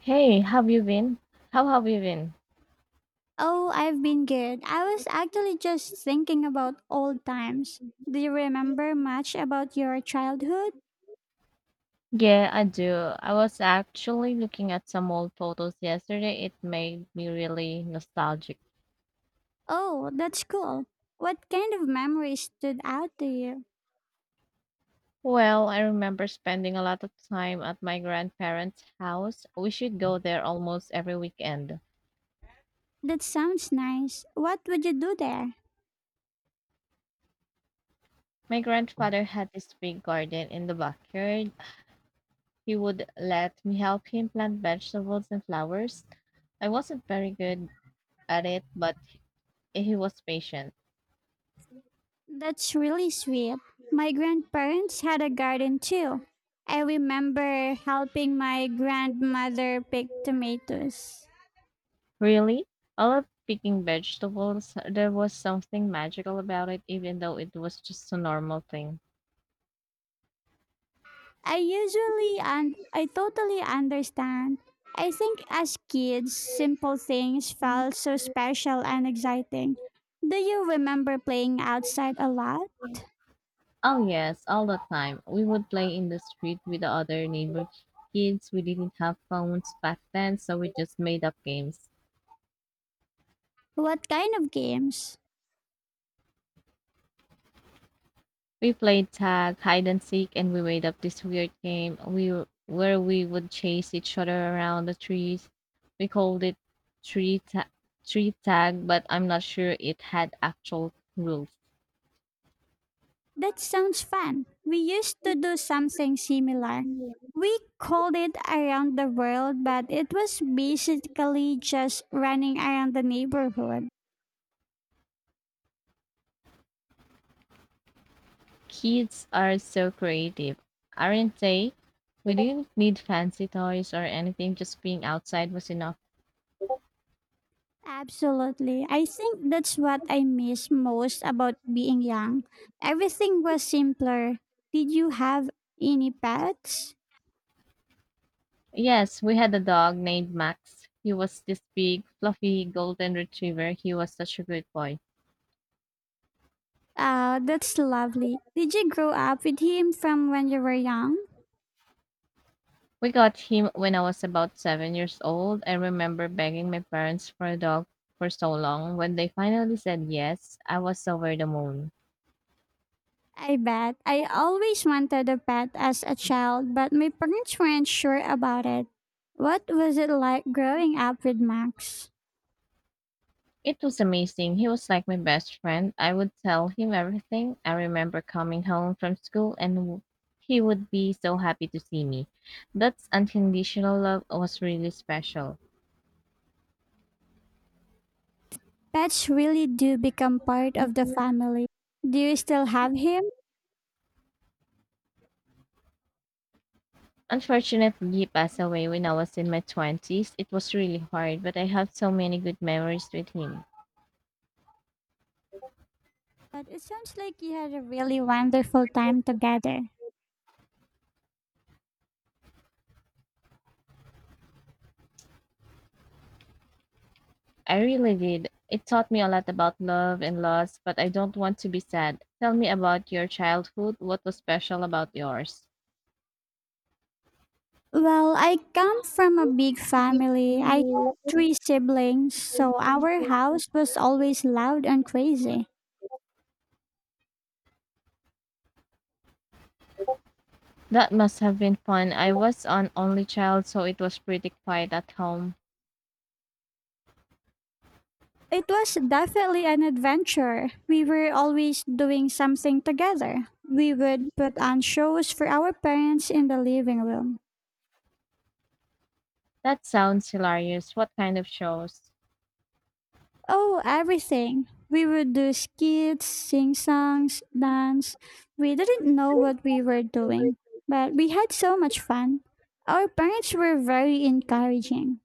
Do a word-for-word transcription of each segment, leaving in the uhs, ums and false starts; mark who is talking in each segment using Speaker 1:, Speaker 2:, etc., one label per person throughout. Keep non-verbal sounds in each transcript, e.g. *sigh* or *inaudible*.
Speaker 1: Hey, have you been? How have you been?
Speaker 2: Oh, I've been good. I was actually just thinking about old times. Do you remember much about your childhood?
Speaker 1: Yeah, I do. I was actually looking at some old photos yesterday. It made me really nostalgic.
Speaker 2: Oh, that's cool. What kind of memories stood out to you?
Speaker 1: Well, I remember spending a lot of time at my grandparents' house. We should go there almost every weekend.
Speaker 2: That sounds nice. What would you do there?
Speaker 1: My grandfather had this big garden in the backyard. He would let me help him plant vegetables and flowers. I wasn't very good at it, but he was patient.
Speaker 2: That's really sweet. My grandparents had a garden too. I remember helping my grandmother pick tomatoes.
Speaker 1: Really? I love picking vegetables. There was something magical about it, even though it was just a normal thing.
Speaker 2: I usually and I totally understand. I think as kids, simple things felt so special and exciting. Do you remember playing outside a lot?
Speaker 1: Oh, yes, all the time. We would play in the street with the other neighbor kids. We didn't have phones back then, so we just made up games.
Speaker 2: What kind of games?
Speaker 1: We played tag, hide and seek, and we made up this weird game we w- where we would chase each other around the trees. We called it tree, ta- tree tag, but I'm not sure it had actual rules.
Speaker 2: That sounds fun. We used to do something similar. We called it around the world, but it was basically just running around the neighborhood.
Speaker 1: Kids are so creative, aren't they? We didn't need fancy toys or anything, just being outside was enough.
Speaker 2: Absolutely. I think that's what I miss most about being young. Everything was simpler. Did you have any pets?
Speaker 1: Yes, we had a dog named Max. He was this big, fluffy golden retriever. He was such a good boy.
Speaker 2: Ah, that's lovely. Did you grow up with him from when you were young?
Speaker 1: We got him when I was about seven years old. I remember begging my parents for a dog for so long. When they finally said yes, I was over the moon.
Speaker 2: I bet. I always wanted a pet as a child, but my parents weren't sure about it. What was it like growing up with Max?
Speaker 1: It was amazing. He was like my best friend. I would tell him everything. I remember coming home from school and w- He would be so happy to see me. That unconditional love was really special.
Speaker 2: Pets really do become part of the family. Do you still have him?
Speaker 1: Unfortunately, he passed away when I was in my twenties. It was really hard, but I have so many good memories with him.
Speaker 2: But it sounds like you had a really wonderful time together.
Speaker 1: I really did. It taught me a lot about love and loss, but I don't want to be sad. Tell me about your childhood. What was special about yours?
Speaker 2: Well, I come from a big family. I had three siblings, so our house was always loud and crazy.
Speaker 1: That must have been fun. I was an only child, so it was pretty quiet at home.
Speaker 2: It was definitely an adventure. We were always doing something together. We would put on shows for our parents in the living room.
Speaker 1: That sounds hilarious. What kind of shows?
Speaker 2: Oh, everything. We would do skits, sing songs, dance. We didn't know what we were doing, but we had so much fun. Our parents were very encouraging.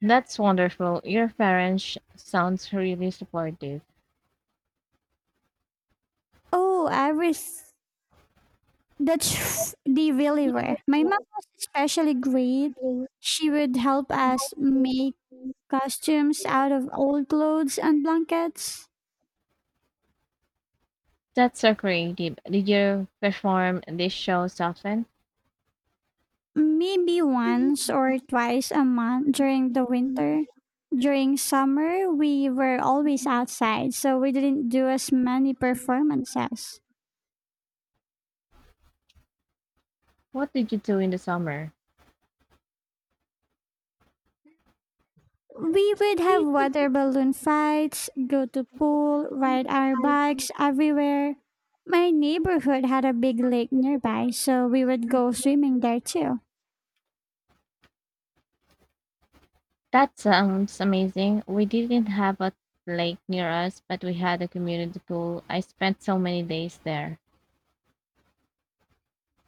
Speaker 1: That's wonderful. Your parents sounds really supportive.
Speaker 2: Oh, everything. That's *laughs* they really were. My mom was especially great. She would help us make costumes out of old clothes and blankets.
Speaker 1: That's so creative. Did you perform these shows often?
Speaker 2: Maybe once or twice a month during the winter. During summer, we were always outside, so we didn't do as many performances.
Speaker 1: What did you do in the summer?
Speaker 2: We would have water balloon fights, go to pool, ride our bikes everywhere. My neighborhood had a big lake nearby, so we would go swimming there too.
Speaker 1: That sounds amazing. We didn't have a lake near us, but we had a community pool. I spent so many days there.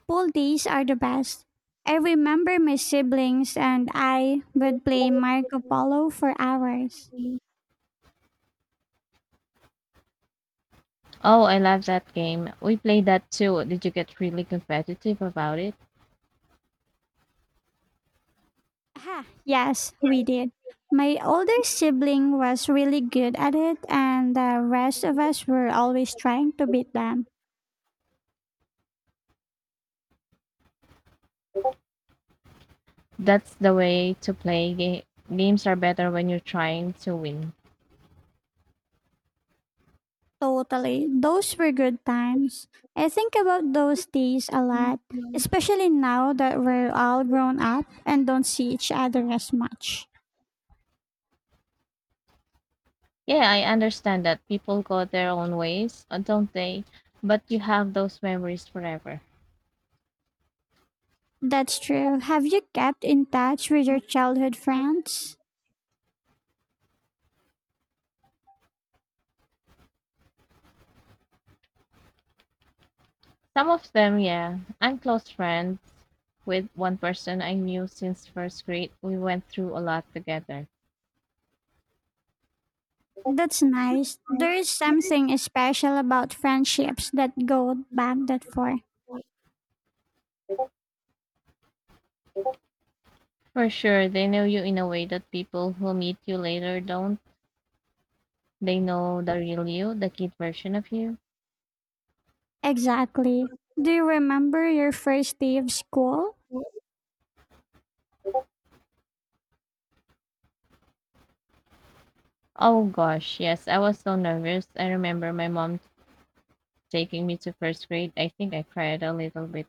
Speaker 2: Pool days are the best. I remember my siblings and I would play Marco Polo for hours.
Speaker 1: Oh, I love that game. We played that too. Did you get really competitive about it?
Speaker 2: Ah, yes, we did. My older sibling was really good at it, and the rest of us were always trying to beat them.
Speaker 1: That's the way to play. Ga- games are better when you're trying to win.
Speaker 2: Totally. Those were good times. I think about those days a lot, especially now that we're all grown up and don't see each other as much.
Speaker 1: Yeah, I understand that people go their own ways, uh, don't they? But you have those memories forever.
Speaker 2: That's true. Have you kept in touch with your childhood friends?
Speaker 1: Some of them, yeah. I'm close friends with one person I knew since first grade. We went through a lot together.
Speaker 2: That's nice. There is something special about friendships that go back that far.
Speaker 1: For sure, they know you in a way that people who meet you later don't. They know the real you, the kid version of you.
Speaker 2: Exactly. Do you remember your first day of school?
Speaker 1: Oh gosh, yes, I was so nervous. I remember my mom taking me to first grade. I think I cried a little bit.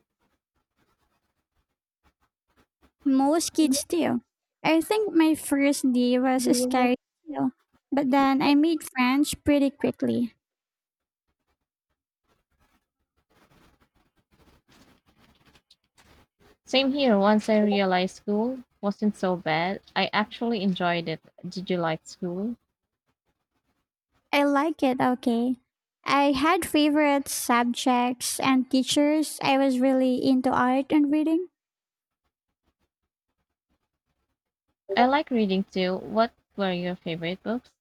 Speaker 2: Most kids do. I think my first day was scary too, but then I made friends pretty quickly.
Speaker 1: Same here. Once I realized school wasn't so bad, I actually enjoyed it. Did you like school?
Speaker 2: I like it, okay. I had favorite subjects and teachers. I was really into art and reading.
Speaker 1: I like reading too. What were your favorite books?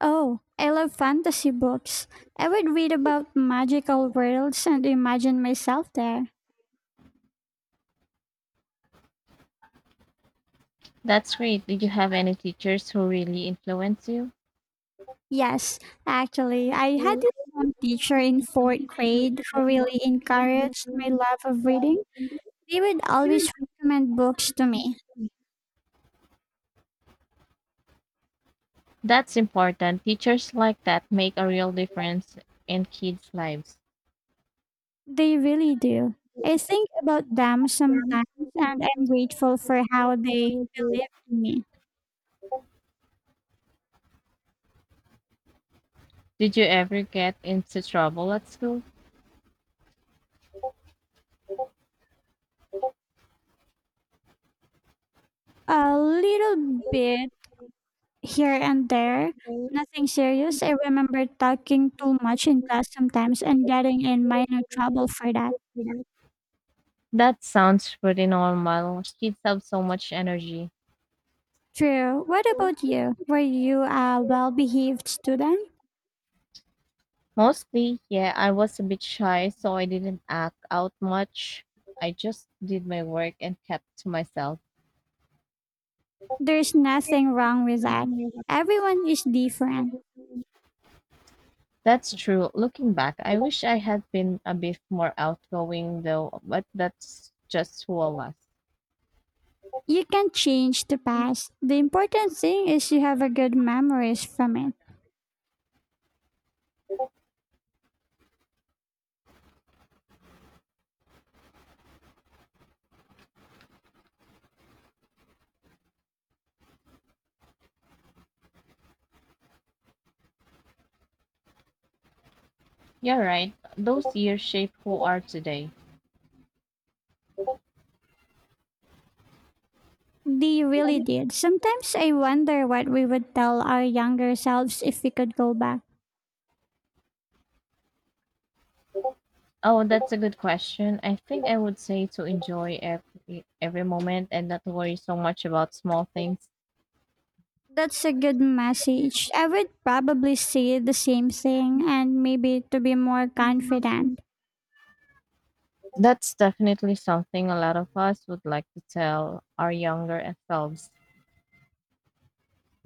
Speaker 2: Oh, I love fantasy books. I would read about magical worlds and imagine myself there.
Speaker 1: That's great. Did you have any teachers who really influenced you?
Speaker 2: Yes, actually, I had this one teacher in fourth grade who really encouraged my love of reading. They would always recommend books to me.
Speaker 1: That's important. Teachers like that make a real difference in kids' lives.
Speaker 2: They really do. I think about them sometimes and I'm grateful for how they believe in me.
Speaker 1: Did you ever get into trouble at school?
Speaker 2: A little bit here and there, nothing serious. I remember talking too much in class sometimes and getting in minor trouble for that.
Speaker 1: That sounds pretty normal. Kids have so much energy.
Speaker 2: True. What about you? Were you a well behaved student?
Speaker 1: Mostly, yeah, I was a bit shy, so I didn't act out much. I just did my work and kept to myself.
Speaker 2: There's nothing wrong with that. Everyone is different.
Speaker 1: That's true. Looking back, I wish I had been a bit more outgoing, though, but that's just who I was.
Speaker 2: You can change the past. The important thing is you have a good memories from it.
Speaker 1: You're right. Those years shape who are today.
Speaker 2: They really did. Sometimes I wonder what we would tell our younger selves if we could go back.
Speaker 1: Oh, that's a good question. I think I would say to enjoy every every moment and not worry so much about small things.
Speaker 2: That's a good message. I would probably say the same thing and maybe to be more confident.
Speaker 1: That's definitely something a lot of us would like to tell our younger selves.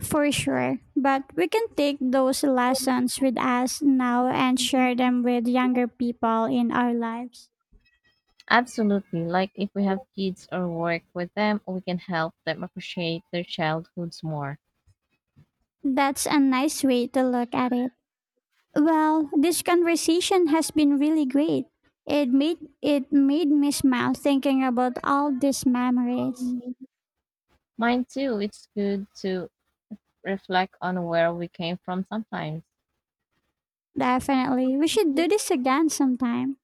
Speaker 2: For sure. But we can take those lessons with us now and share them with younger people in our lives.
Speaker 1: Absolutely. Like if we have kids or work with them, we can help them appreciate their childhoods more.
Speaker 2: That's a nice way to look at it. Well, this conversation has been really great. It made it made me smile thinking about all these memories.
Speaker 1: Mine too. It's good to reflect on where we came from sometimes.
Speaker 2: Definitely. We should do this again sometime.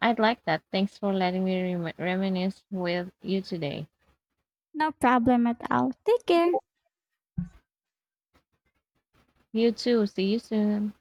Speaker 1: I'd like that. Thanks for letting me rem- reminisce with you today.
Speaker 2: No problem at all. Take care.
Speaker 1: You too. See you soon.